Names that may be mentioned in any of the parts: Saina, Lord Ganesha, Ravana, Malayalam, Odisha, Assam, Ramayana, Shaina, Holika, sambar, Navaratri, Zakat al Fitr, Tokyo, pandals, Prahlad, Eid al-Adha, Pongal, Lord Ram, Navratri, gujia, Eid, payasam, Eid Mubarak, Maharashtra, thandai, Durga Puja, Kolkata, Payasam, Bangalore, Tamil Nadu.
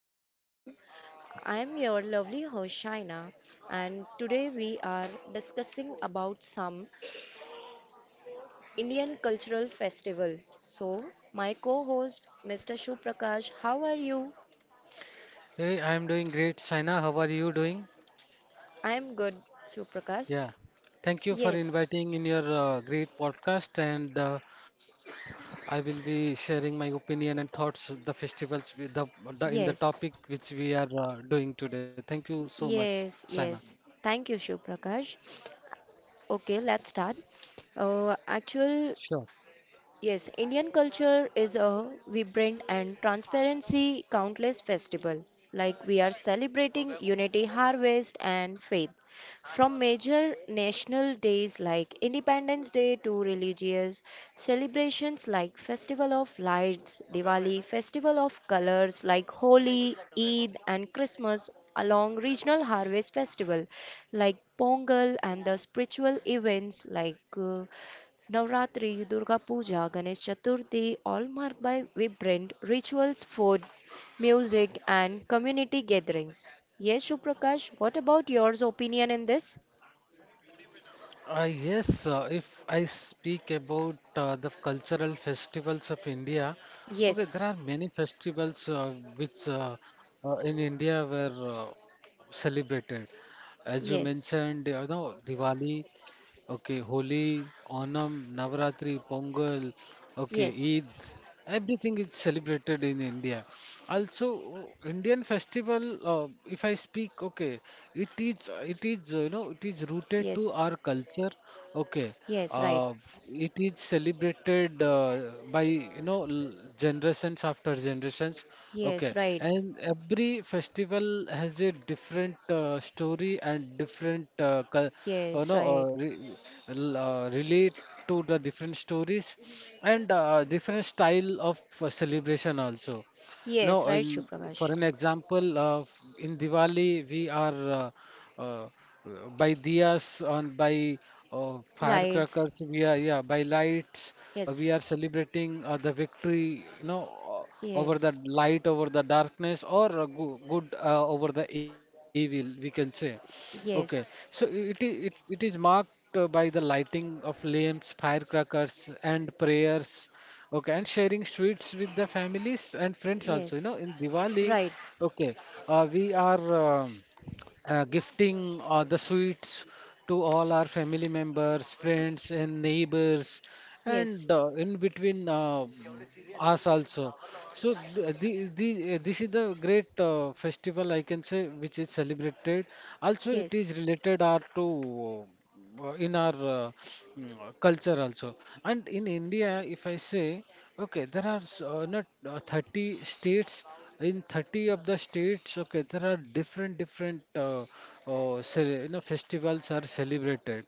Good afternoon. I'm your lovely host Shaina, and today we are discussing about some Indian cultural festival. So, my co-host, Mr. Suprakash, how are you? Hey, I'm doing great. Saina, how are you doing? I'm good, Suprakash. Yeah. Thank you for Yes, inviting in your great podcast and I will be sharing my opinion and thoughts of the festivals with the topic yes, which we are doing today. Thank you so much, Saina. yes, yes. Thank you, Suprakash. Okay, let's start. Actual Sure. Yes, Indian culture is a vibrant and transparency countless festival. Like we are celebrating unity, harvest, and faith. From major national days like Independence Day to religious celebrations like Festival of Lights, Diwali, Festival of Colors like Holi, Eid, and Christmas, along regional harvest festival like Pongal and the spiritual events like uh, Navratri, Durga Puja, Ganesh Chaturthi, all marked by vibrant rituals, food, music, and community gatherings. Yes, Shuprakash, what about your opinion in this? Yes, if I speak about the cultural festivals of India, okay, Yes, there are many festivals which in India were celebrated. As you mentioned, yes, you know, Diwali. Okay, Holi, Onam, Navaratri, Pongal, okay, yes, Eid, everything is celebrated in India. Also, Indian festival, if I speak, okay, you know, it is rooted to yes, our culture, okay. yes, right, Uh, it is celebrated by you know generations after generations. Okay, yes, right, and every festival has a different story and different you yes, know right, relate to the different stories and different style of celebration also. No, yes, right, in, for Shuprakash. an example, in Diwali we are uh, uh, by diyas and by Lights, firecrackers. We are yeah by lights. Yes, We are celebrating the victory, you know, over the yes, light, over the darkness, or go good over the evil. We can say. Okay, so yes, it is marked by the lighting of lamps, firecrackers, and prayers. Okay, and sharing sweets with the families and friends also. You know, yes, in Diwali, right, okay, we are gifting the sweets to all our family members, friends, and neighbors, yes, and in between us also. So this is the great festival I can say which is celebrated. Also, it is yes, related our to in our culture also. And in India, if I say, okay, there are not 30 states. In 30 of the states, okay, there are different you know festivals are celebrated.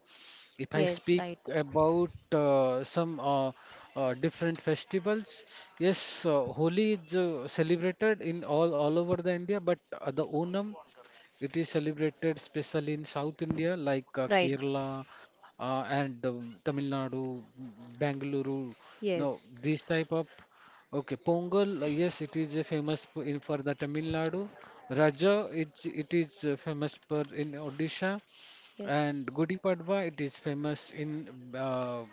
If I yes, speak right, about some different festivals, yes, Holi is celebrated in all over the India, but the Onam it is celebrated especially in South India like right, Kerala and Tamil Nadu, Bangalore. No, yes, these type of okay. Pongal, yes, it is famous for- in for the Tamil Nadu. Raja, it is famous for in Odisha and yes. Gudi Padwa. It is famous in uh,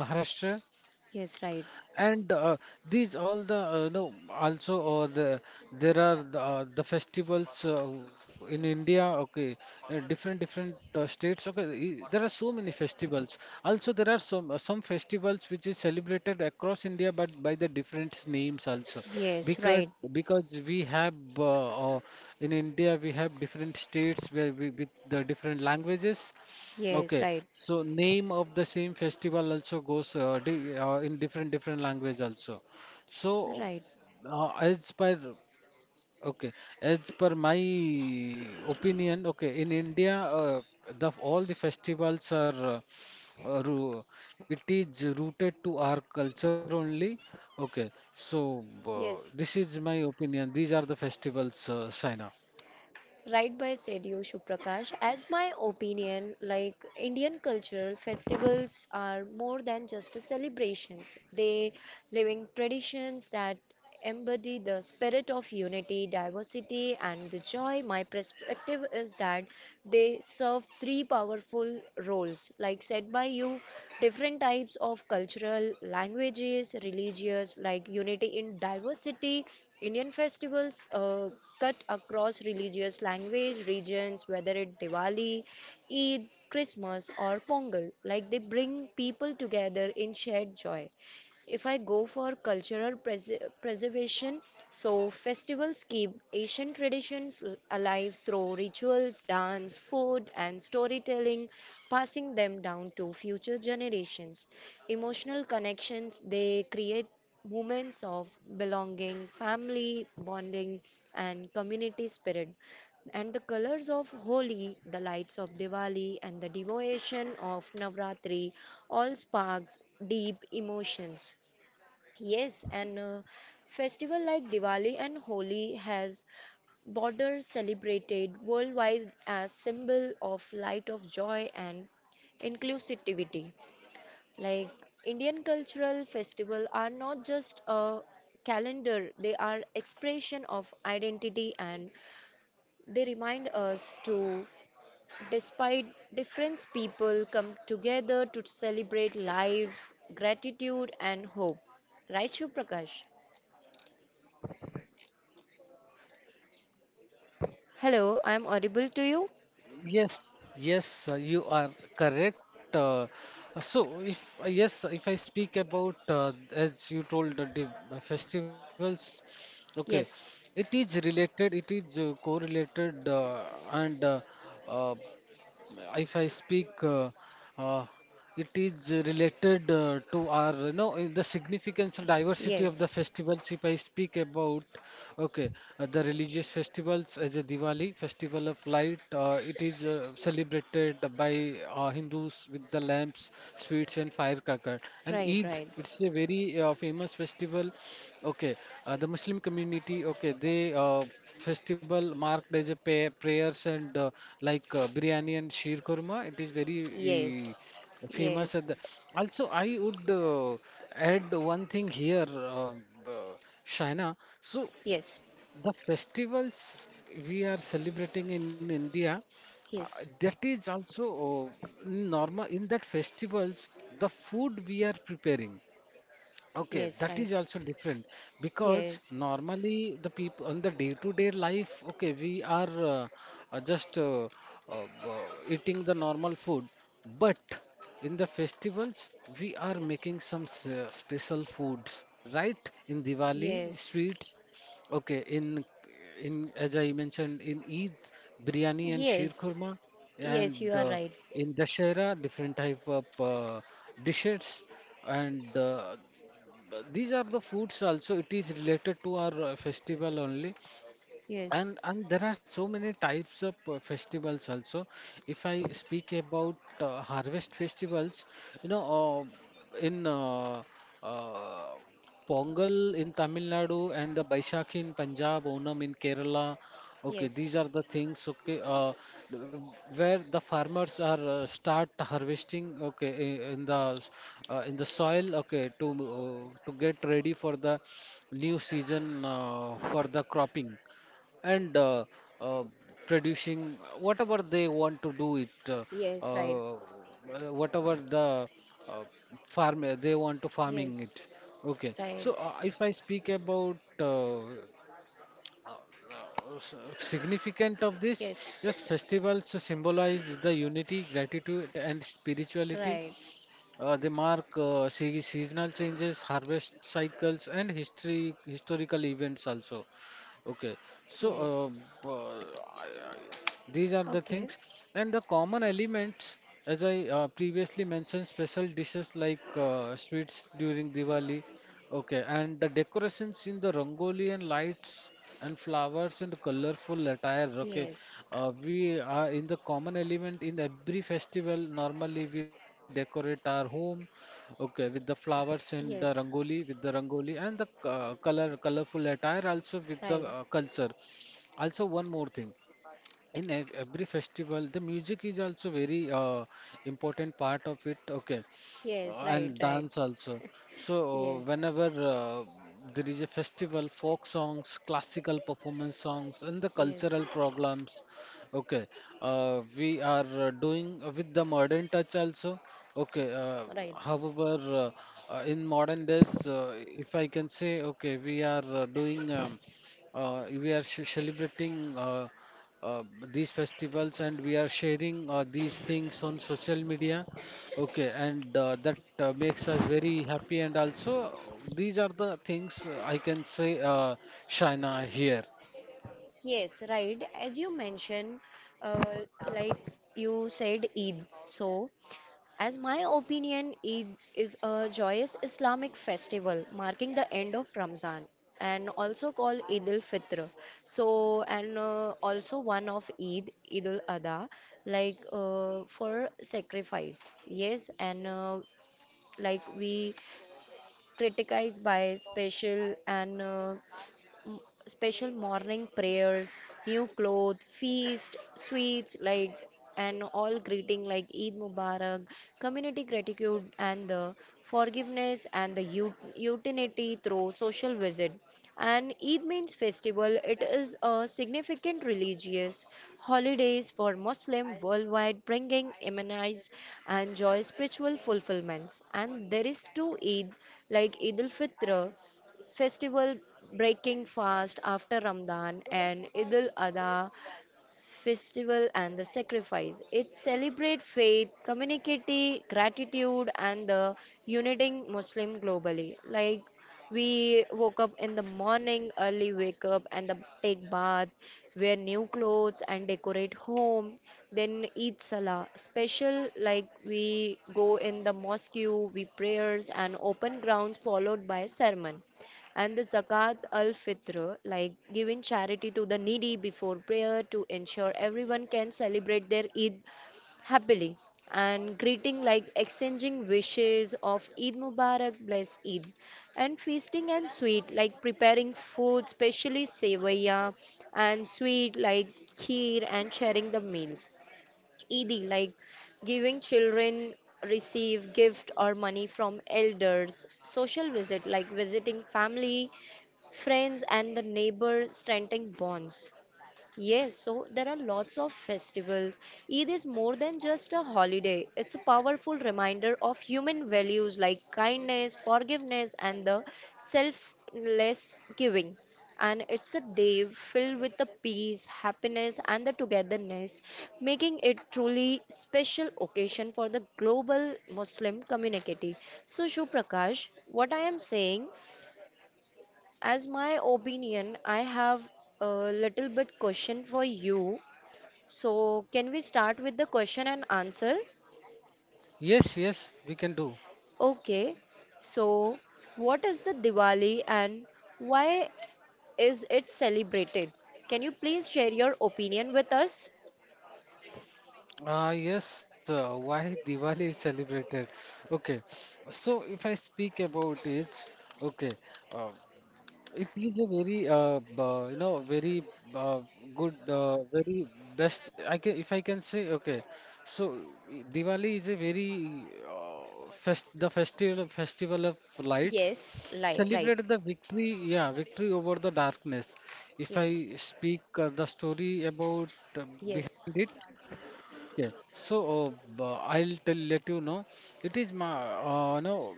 Maharashtra, Yes, right. and these all the no also or the there are the festivals in India. Okay, different states. Okay, there are so many festivals. Also, there are some festivals which is celebrated across India, but by the different names also, Yes, because right. because we have in India we have different states where we, with the different languages. Yes, Okay, right. so name of the same festival also goes di in different different language also. So Right. As per okay, as per my opinion, okay, in India, the all the festivals are uh, uh, ru- it is rooted to our culture only. Okay, so Yes. this is my opinion. These are the festivals, Saina. Right by said you, Prakash. As my opinion, like Indian cultural festivals are more than just a celebrations. They living traditions that embody the spirit of unity, diversity, and the joy. My perspective is that they serve three powerful roles, like said by you, different types of cultural languages, religious, like unity in diversity, Indian festivals cut across religious language regions, whether it Diwali, Eid, Christmas, or Pongal, like they bring people together in shared joy. If I go for cultural preservation, so festivals keep Asian traditions alive through rituals, dance, food, and storytelling, passing them down to future generations. Emotional connections they create moments of belonging, family bonding, and community spirit. And the colors of Holi, the lights of Diwali, and the devotion of Navratri all sparks deep emotions. Yes, and a festival like Diwali and Holi has border celebrated worldwide as symbol of light of joy and inclusivity. Like Indian cultural festival are not just a calendar, they are expression of identity and they remind us to despite difference people come together to celebrate life, gratitude and hope. Right, Shiv Prakash? Hello, I am audible to you? Yes, yes, you are correct. So, if I speak about as you told festivals, okay, Yes. It is correlated, and uh, if I speak uh, it is related to our, you know, the significance and diversity of the Yes. festivals. If I speak about, okay, the religious festivals as a Diwali, festival of light, it is celebrated by Hindus with the lamps, sweets, and firecracker. And Right, Eid, right. it's a very famous festival. Okay, the Muslim community, okay, they festival marked as a pay prayers and biryani and sheer kurma. It is very e, Yes. famous at Yes. the also I would add one thing here uh, Shaina, so Yes. the festivals we are celebrating in India uh, Yes. that is also normal in that festivals the food we are preparing. Okay, Yes, that right. is also different because Yes. normally the people on the day-to-day life, okay, we are just uh, uh, eating the normal food, but in the festivals we are making some special foods, right? In Diwali, Yes. sweets. Okay, in as I mentioned in Eid, biryani and sheer Yes. kurma, Yes, you and are right. in Dashera, different type of dishes and but these are the foods also. It is related to our festival only, Yes, and there are so many types of festivals also. If I speak about harvest festivals, you know, in uh, Pongal in Tamil Nadu and the Baisakhi in Punjab, Onam in Kerala, okay, yes, these are the things, okay, where the farmers are start harvesting, okay, in the soil, okay, to get ready for the new season for the cropping and uh, producing whatever they want to do it, yes, right. uh, whatever the uh, farm they want to farming Yes, it, okay. right. So if I speak about significant of this, Yes, yes, festivals symbolize the unity, gratitude, and spirituality. right. They mark seasonal changes, harvest cycles, and history historical events also. Okay, so Yes. These are the Okay. things, and the common elements, as I previously mentioned, special dishes like sweets during Diwali, okay, and the decorations in the Rangoli and lights and flowers and colorful attire. Okay, Yes, we are in the common element in every festival. Normally, we decorate our home, okay, with the flowers and the yes, Rangoli, with the Rangoli and the colorful attire also with the right. Culture. Also, one more thing, in every festival the music is also very important part of it, okay. Yes, And right, right. dance also. So Yes, whenever there is a festival, folk songs, classical performance songs, and the yes, cultural programs, okay, we are doing with the modern touch also, okay. uh, right. however uh, uh, in modern days, if I can say, okay, we are doing we are celebrating uh, these festivals and we are sharing these things on social media. Okay, and that makes us very happy. And also, these are the things I can say, Shaina, here. Yes, right. As you mentioned, like you said, Eid. So, as my opinion, Eid is a joyous Islamic festival marking the end of Ramzan and also called Eid al Fitr. So, and also one of Eid, Eid al Adha, like for sacrifice. Yes, and like we criticize by special and m- special morning prayers, new clothes, feast, sweets like and all greeting like Eid Mubarak, community gratitude and the forgiveness and the utility through social visit. And Eid means festival. It is a significant religious holidays for Muslim worldwide, bringing immunize and joy spiritual fulfillments. And there is two Eid like Eid al-Fitr festival breaking fast after Ramadan and Eid al-Adha festival and the sacrifice. It celebrate faith, community, gratitude and the uniting Muslim globally. Like we woke up in the morning, early wake up and the take bath, wear new clothes and decorate home. Then Eid Salah, special like we go in the mosque, we prayers and open grounds followed by sermon. And the Zakat al Fitr, like giving charity to the needy before prayer to ensure everyone can celebrate their Eid happily. And greeting, like exchanging wishes of Eid Mubarak, bless Eid. And feasting and sweet, like preparing food, specially sevaya and sweet, like kheer, and sharing the meals. ED, like giving children receive gift or money from elders. Social visit, like visiting family, friends, and the neighbor, strengthening bonds. Yes, so there are lots of festivals. Eid is more than just a holiday. It's a powerful reminder of human values like kindness, forgiveness, and the selfless giving. And it's a day filled with the peace, happiness, and the togetherness, making it truly special occasion for the global Muslim community. So, Shuprakash, what I am saying, as my opinion, I have a little bit question for you so, can we start with the question and answer? Yes, yes, we can do. Okay. So, what is the Diwali and why is it celebrated? Can you please share your opinion with us? Yes, why Diwali is celebrated? Okay, so if I speak about it, okay, uh, it is a very you know very uh, good very best I can if I can say, okay. So Diwali is a very festival of lights, Yes, li right. celebrate the victory, yeah, victory over the darkness. If I Yes. speak the story about uh, Yes. behind it, okay. So b- I'll tell let you know it is my no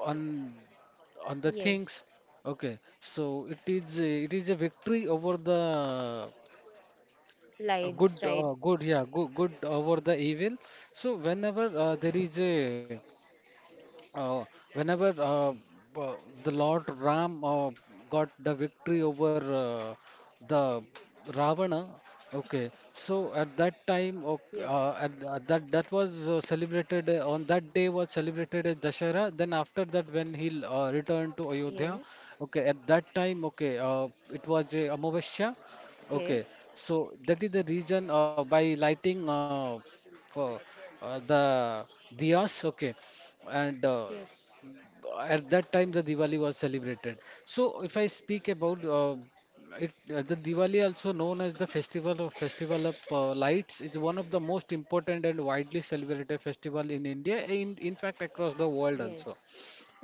on on the Yes. things. Okay, so it is a victory over the Lights, right. Good over the evil. So whenever there is a uh, whenever uh, the Lord Ram got the victory over the Ravana, okay. So at that time, okay, Yes. At, th- at that that was celebrated on that day was celebrated as Dashera. Then after that, when he returned to Ayodhya, Yes. okay, at that time, okay, it was a Amavasya, okay. Yes. So that is the reason, by lighting uh, the diyas, okay, and Yes. at that time the Diwali was celebrated. So if I speak about the Diwali, also known as the festival of lights, is one of the most important and widely celebrated festival in India, in fact across the world also. Yes.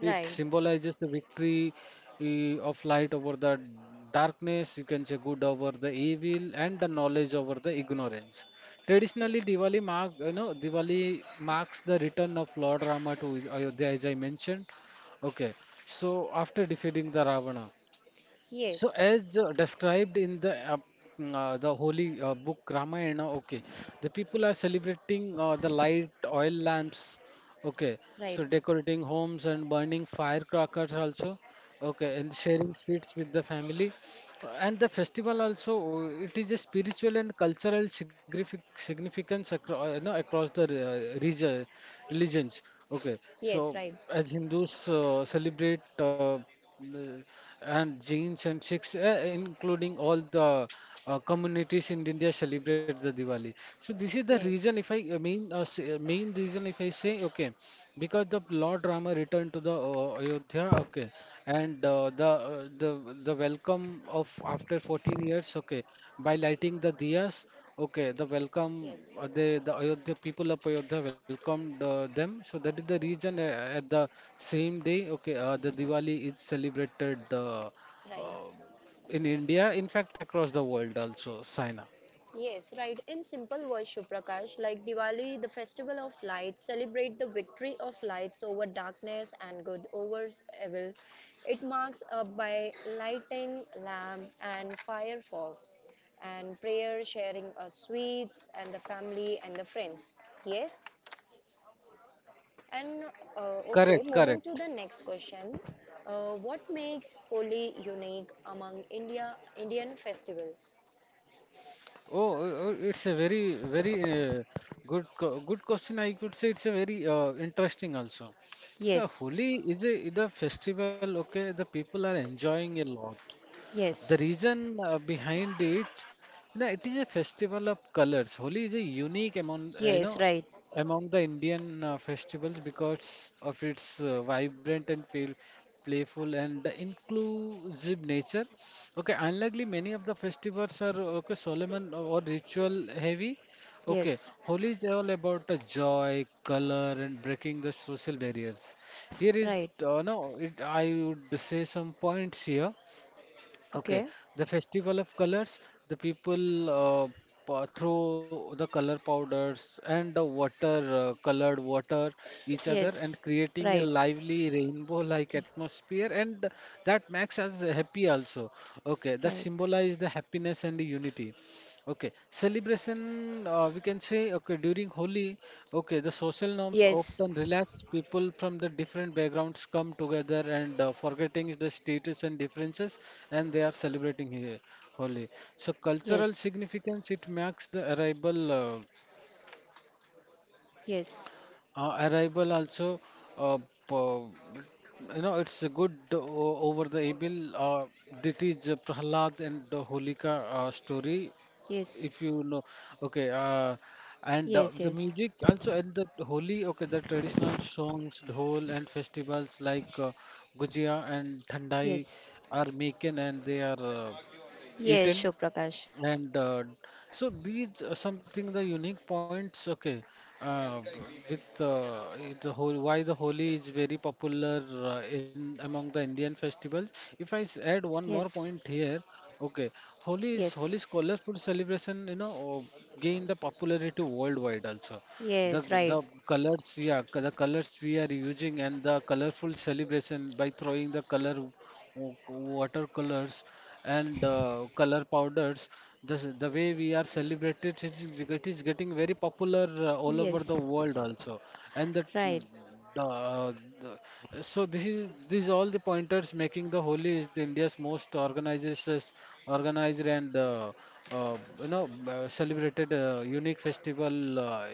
It symbolizes the victory, of light over the darkness, you can say good over the evil, and the knowledge over the ignorance. Traditionally, Diwali mark, you know, Diwali marks the return of Lord Rama to Ayodhya, as I mentioned. Okay, so after defeating the Ravana. So Yes. as described in the the holy book Ramayana, okay, the people are celebrating the light oil lamps, okay, Right. so decorating homes and burning firecrackers also, okay, and sharing sweets with the family. And the festival also, it is a spiritual and cultural significance across, you know, across the religions. Okay, Yes, so right. as Hindus celebrate, m- and Jains and Sikhs, including all the communities in India celebrate the Diwali. So this is the reason if Yes. I main s- main reason if I say okay, because the Lord Rama returned to the Ayodhya, okay, and the welcome of after 14 years, okay, by lighting the diyas, okay, the welcome Yes. They the Ayodhya people of Ayodhya welcomed them. So that is the reason at the same day, okay, the Diwali is celebrated. Right. uh, in India, in fact, across the world also, Saina. Yes, right. In simple words, Shuprakash, like Diwali, the festival of lights, celebrate the victory of lights over darkness and good over evil. It marks up by lighting lamp and fireworks, and prayer, sharing of sweets, and the family and the friends. Yes. And okay, Correct, moving to correct. the next question. What makes Holi unique among Indian festivals? Oh, it's a very, very good, good question. I could say it's a very interesting also. The Yes, Holi is is a festival. Okay, the people are enjoying a lot. The yes, reason behind it, you know, it is a festival of colors. Holi is a unique among, yes, right. among the Indian festivals because of its vibrant and feel playful and inclusive nature. Okay, unlikely many of the festivals are okay solemn or ritual heavy. Okay, Yes, Holi is all about the joy, color, and breaking the social barriers. Here is, right. No, it, I would say some points here. Okay, Okay. the festival of colors, the people throw the color powders and the water, colored water, each other, and Yes, creating a right. lively rainbow-like y- atmosphere, and that makes us happy also. Okay, that Right. symbolize the happiness and the unity. Okay, celebration, we can say, okay, during Holi, okay, the social norms Yes, often relax. People from the different backgrounds come together and forgetting the status and differences, and they are celebrating here, Holi. So, cultural yes, significance, it marks the arrival, yes, arrival also, uh, po- you know, it's a good over the evil. It is Prahlad and the Holika story yes, if you know okay and yes, the yes, music also at the Holi, okay, the traditional songs dhol and festivals like gujia and thandai yes. are making and they are Yes, eaten, Shoprakash. and so these are something the unique points. Okay, uh, b- with the whole why the Holi is very popular in among the Indian festivals. If I add one more Yes, point here, okay, yes, Holi's colorful celebration, you know, gained the popularity worldwide also. The yes, right. the colors, yeah, the colors we are using and the colorful celebration by throwing the color watercolors and color powders, the way we are celebrated it is getting very popular all over the Yes, world also, and right. uh, so this is these all the pointers making the Holi is the India's most organizes organized and celebrated unique festival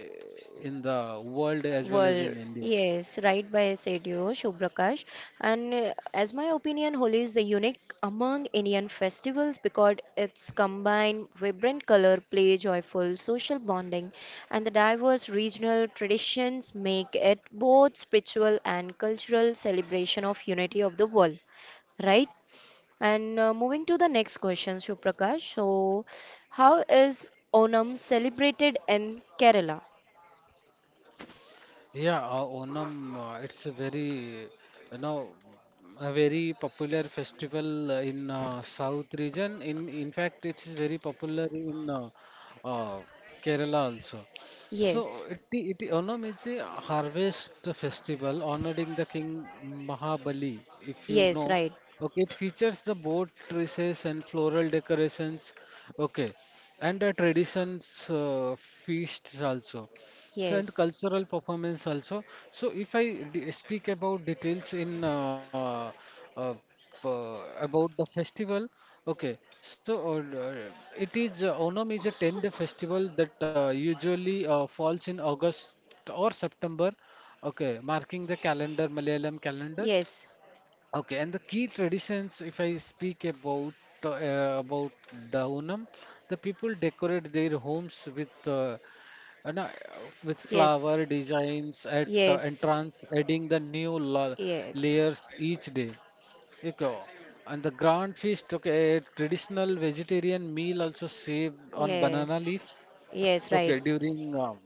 in the world as well as Well, in India. yes, right by said you, And as my opinion, Holi is the unique among Indian festivals because it's combined vibrant color play, joyful social bonding, and the diverse regional traditions make it both spiritual and cultural celebration of unity of the world, right? And moving to the next question, Shubhrakash. So, how is Onam celebrated in Kerala? Yeah, Onam, it's a very, you know, a very popular festival in South region. In fact, it is very popular in uh, Kerala also. So Yes, it Onam is a harvest festival honoring the King Mahabali, if you yes, know. right. Okay, it features the boat races and floral decorations. Okay, and the traditions feasts also. So and Yes, cultural performance also. So if I speak about details uh, about the festival, okay. So it is Onam is a 10-day festival that usually falls in August or September, okay, marking the calendar Malayalam calendar. yes, Okay, and the key traditions, if I speak about the Onam, the people decorate their homes with no, with yes, flower designs at yes, entrance, adding the new la yes, layers each day. Okay. And the grand feast, okay, a traditional vegetarian meal also served on banana yes, leaves. yes, right. Okay, during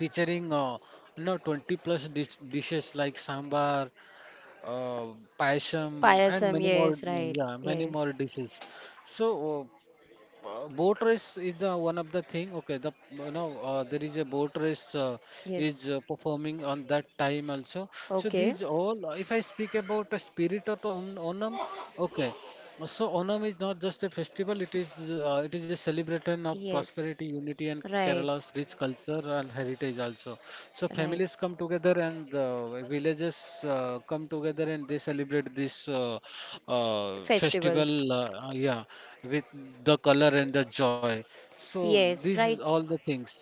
featuring you know 20 plus dishes like sambar, uh, payasam, and Payasam, many more. yes, right, Yeah, many yes, more dishes. So boat race is the one of the thing. Okay, the you know there is a boat race is yes. Performing on that time also. So Okay, these all. If I speak about the spirit of Onam, okay. So Onam is not just a festival, it is a celebration of yes, prosperity, unity, and right, Kerala's rich culture and heritage also. So right. families come together and villages come together and they celebrate this Festival, festival, yeah, with the color and the joy. So this yes, is right, all the things.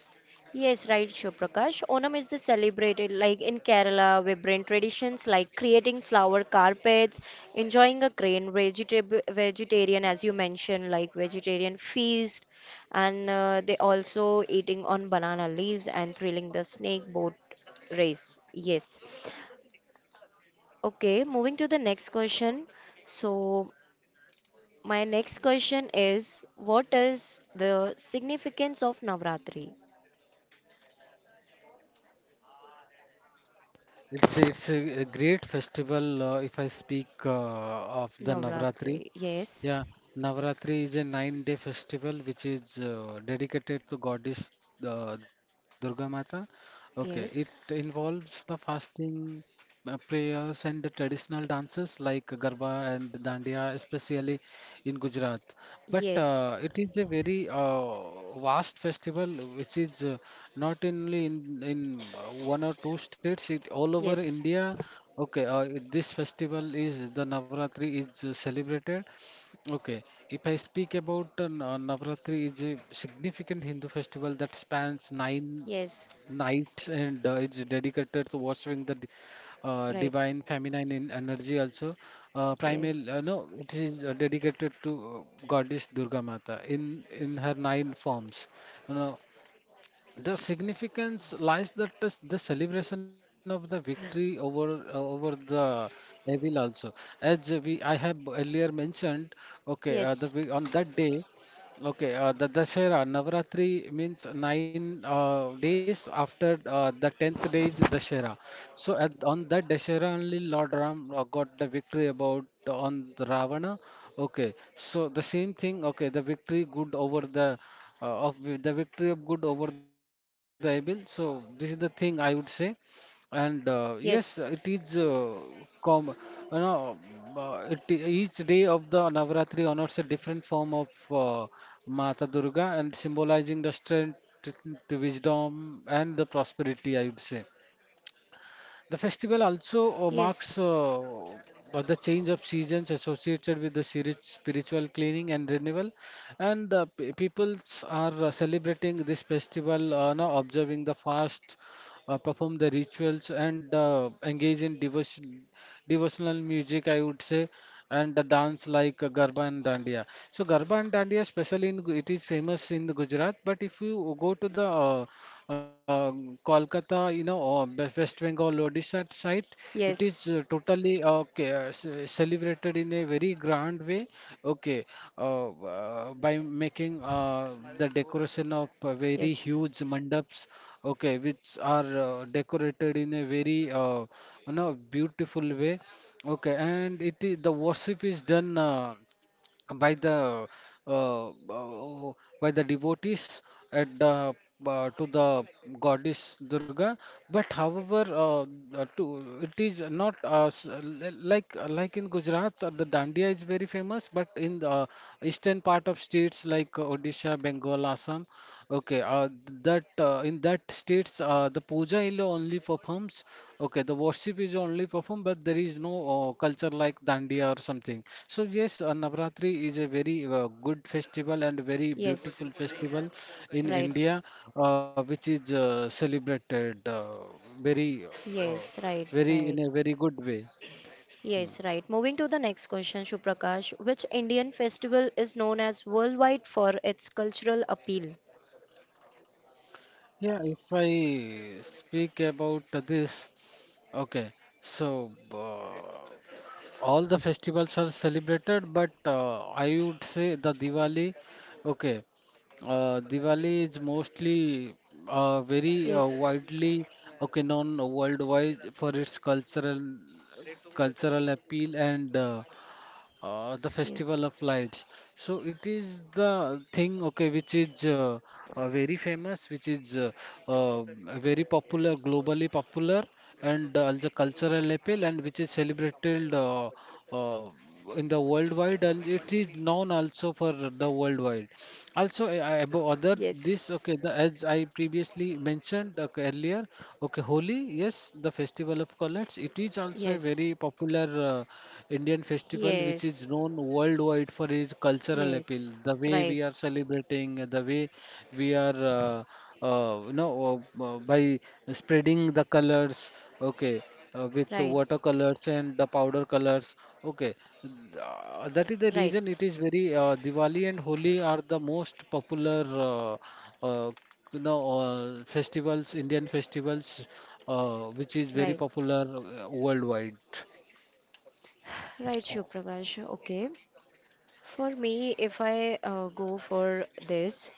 Yes, right, Prakash. Onam is the celebrated like in Kerala, vibrant traditions like creating flower carpets, enjoying a grain vegetab vegetarian, as you mentioned, like vegetarian feast, and they also eating on banana leaves and thrilling the snake boat race. Yes. Okay, moving to the next question. So my next question is, what is the significance of Navratri? It's a great festival if I speak of the Navratri. Navratri. Yes. Yeah, Navaratri is a nine-day festival which is dedicated to goddess Durga Mata. Okay, it Yes. involves the fasting, prayers, and the traditional dances like Garba and Dandiya, especially in Gujarat. But Yes, it is a very vast festival which is not only in, in one or two states, it all over yes, India. Okay, this festival is the Navaratri is celebrated. Okay, if I speak about Navratri is a significant Hindu festival that spans nine yes, nights and it's dedicated to worshiping the right, divine feminine in energy also. Primal, yes, no, it is Dedicated to goddess Durga Mata in her nine forms. You know, the significance lies that is the celebration of the victory over the evil also. As we I have earlier mentioned, okay, yes, on that day, okay, the Dashera Navratri means nine days after the tenth days Dashera. So at, on that Dashera only Lord Ram got the victory about on the Ravana. Okay, so the same thing. Okay, the victory good over the of the victory of good over the evil. So this is the thing I would say, and yes, it is yes, com you know it, each day of the Navaratri honors a different form of Mata Durga and symbolizing the strength, wisdom, and the prosperity, I would say. The festival also yes, marks the change of seasons associated with the spiritual cleaning and renewal, and the peoples are celebrating this festival, now observing the fast, perform the rituals and engage in devotional music, I would say, and the dance like Garba and Dandiya. So Garba and Dandiya, especially it is famous in the Gujarat, but if you go to the uh, Kolkata, you know, or West Bengal, Odisha, side, it is yes, totally okay celebrated in a very grand way. Okay, by making the decoration of very yes, huge mandaps. Okay, which are decorated in a very you know beautiful way. Okay, and the worship is done. By the uh, uh, by the devotees at the to the goddess Durga. But however, to it is not like in Gujarat, the dandiya is very famous. But in the eastern part of states like Odisha, Bengal, Assam. Okay, that in that states the puja is only performs. Okay, the worship is only performed, but there is no culture like dandiya or something. So yes, Navratri is a very good festival and very yes, beautiful festival in right, India, which is celebrated, very, uh, yes, right, very in a right, very good way. yes, right. Moving to the next question, Shuprakash, which Indian festival is known as worldwide for its cultural appeal? Yeah, if I speak about this, okay, so all the festivals are celebrated, but I would say the Diwali. Okay, Diwali is mostly very Yes, widely okay known worldwide for its cultural appeal and the yes, Festival of Lights. So it is the thing, okay, which is very famous, which is uh, very popular, globally popular, and as a cultural appeal, and which is celebrated uh, in the worldwide, and it is known also for the worldwide. Also, above other yes, this, okay, the as I previously mentioned okay, earlier, okay, Holi, yes, the Festival of Colors, it is also a yes, very popular. Indian festival, which yes, is known worldwide for its cultural appeal. yes, The way right, we are celebrating, the way we are, uh, uh, you know, by spreading the colors, okay, with the right, watercolors and the powder colors, okay. That is the right, reason it is very Diwali and Holi are the most popular, uh, uh, festivals, Indian festivals, which is very right, popular worldwide. right, Shuprakash, okay. For me, if I go for this,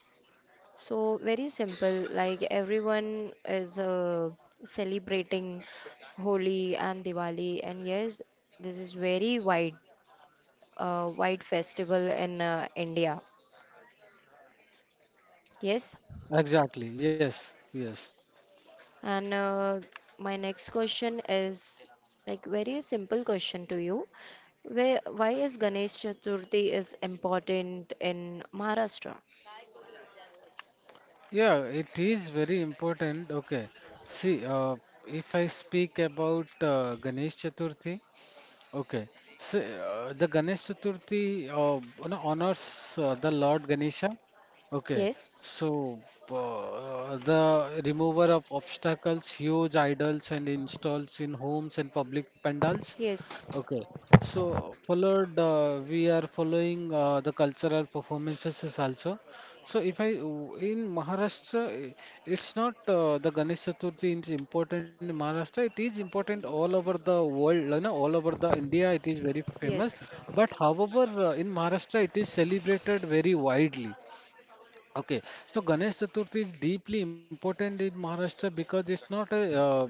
so very simple, like everyone is celebrating Holi and Diwali, and yes, this is very wide, wide festival in India. Yes, Exactly. Yes. Yes. and my next question is like very simple question to you. Where, why is Ganesh Chaturthi is important in Maharashtra? Yeah, it is very important. Okay. See, if I speak about Ganesh Chaturthi, okay. So, the Ganesh Chaturthi, you know, honors the Lord Ganesha. Okay. Yes, So, the remover of obstacles, huge idols, and installs in homes and public pandals. yes, Okay, so followed, we are following the cultural performances is also. So if I in Maharashtra, it's not the Ganesh Chaturthi is important in Maharashtra. It is important all over the world, you know, all over the India. It is very famous. yes, But however, in Maharashtra, it is celebrated very widely. Okay, so Ganesh Chaturthi is deeply important in Maharashtra because it's not a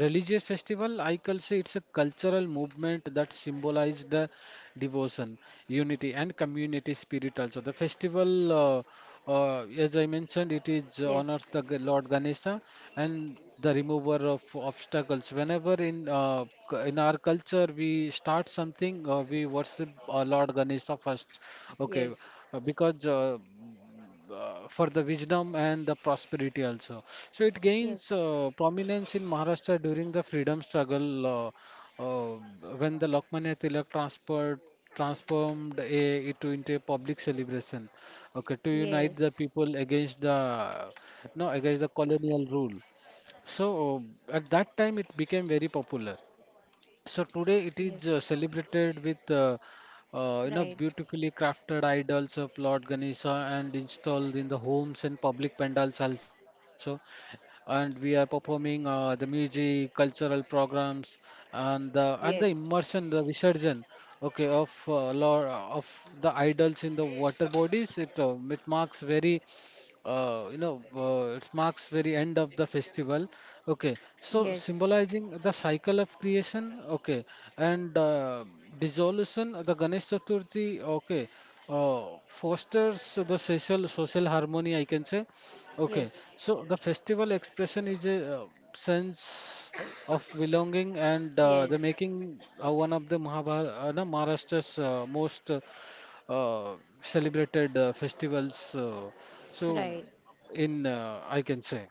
religious festival, I can say it's a cultural movement that symbolizes the devotion, unity, and community spirit. Also, the festival, as I mentioned, it is yes. honors the Lord Ganesha and the remover of obstacles. Whenever in our culture we start something, we worship Lord Ganesha first. Okay, Yes. Because for the wisdom and the prosperity also. So it gains Yes. Prominence in Maharashtra during the freedom struggle uh, uh, when the Lokmanya Tilak transferred transformed it into a public celebration, okay, to unite the Yes. people against the no against the colonial rule. So at that time it became very popular, so today it is Yes. celebrated with you know Right. beautifully crafted idols of Lord Ganesha and installed in the homes and public pandals also. And we are performing the music, cultural programs, and the Yes. immersion, the visarjan, okay, of Lord of the idols in the water bodies. It it marks very you know, it marks very end of the festival. Okay, so Yes. symbolizing the cycle of creation. Okay, and dissolution. The Ganesh Chaturthi. Okay, uh, fosters the social harmony, I can say. Okay, Yes. so the festival expression is a sense of belonging and the Yes. making one of the Mahabhar no, Maharashtra's most celebrated festivals. So, Right. in I can say,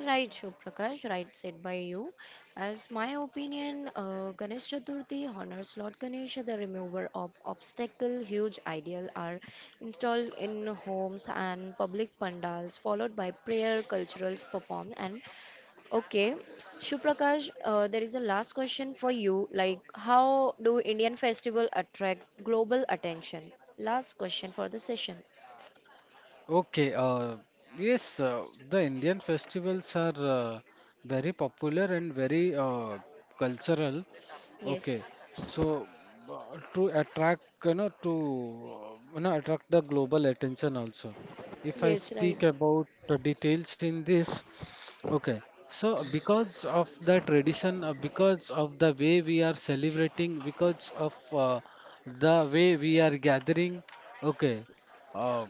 Right, Prakash. Right said by you. As my opinion, Ganesh Chaturthi honors Lord Ganesh, the remover of obstacle. Huge ideal are installed in homes and public pandals, followed by prayer, culturals performed, and Okay, Shuprakash, there is a last question for you. Like, how do Indian festival attract global attention? Last question for the session. okay, yes, the Indian festivals are very popular and very cultural. Yes. Okay, so to attract, you know, to you know, attract the global attention also. If I Yes, right. speak about details in this, okay, so because of the tradition, because of the way we are celebrating, because of the way we are gathering, okay, uh,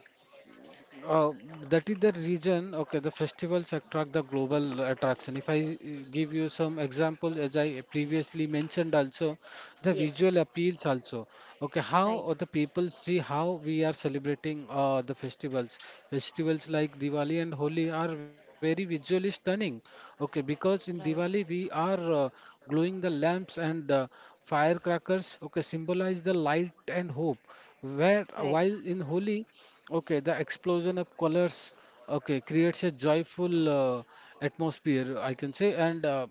uh, that is the reason, okay, the festivals attract the global attraction. If I give you some example, as I previously mentioned also, the visual Yes. appeals also, okay, Right, how the people see how we are celebrating the festivals. Festivals like Diwali and Holi are very visually stunning, okay, because in Diwali right, we are gluing the lamps and firecrackers, okay, symbolize the light and hope, where Right. while in Holi, okay, the explosion of colors, okay, creates a joyful atmosphere, I can say, and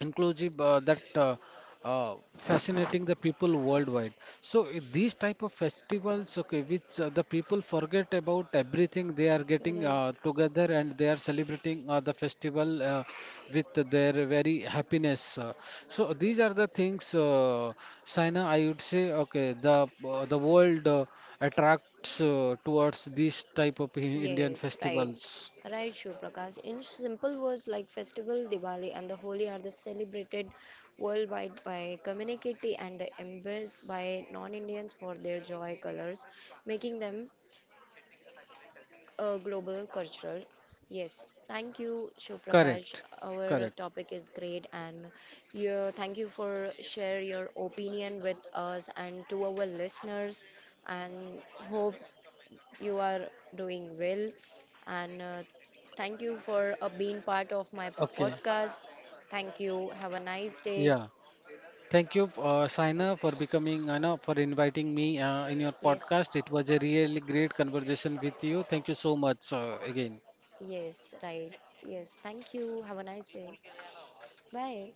inclusive that fascinating the people worldwide. So these type of festivals, okay, which the people forget about everything, they are getting Right. Together and they are celebrating the festival with their very happiness, so these are the things, Saina, I would say, okay, the world attracts towards these type of Indian Yes, right. festivals. Right, Prakash. In simple words, like festival Diwali and the Holi are the celebrated worldwide by community and the embraced by non-Indians for their joy colors, making them global cultural. Yes, thank you, Prakash. Correct, Our correct. topic is great, and you, thank you for share your opinion with us and to our listeners. And hope you are doing well. And thank you for being part of my Okay. podcast. Thank you. Have a nice day. Yeah, thank you, Saina, for becoming, no, for inviting me in your Yes, podcast. It was a really great conversation with you. Thank you so much again. yes, right. Yes, thank you. Have a nice day. Bye.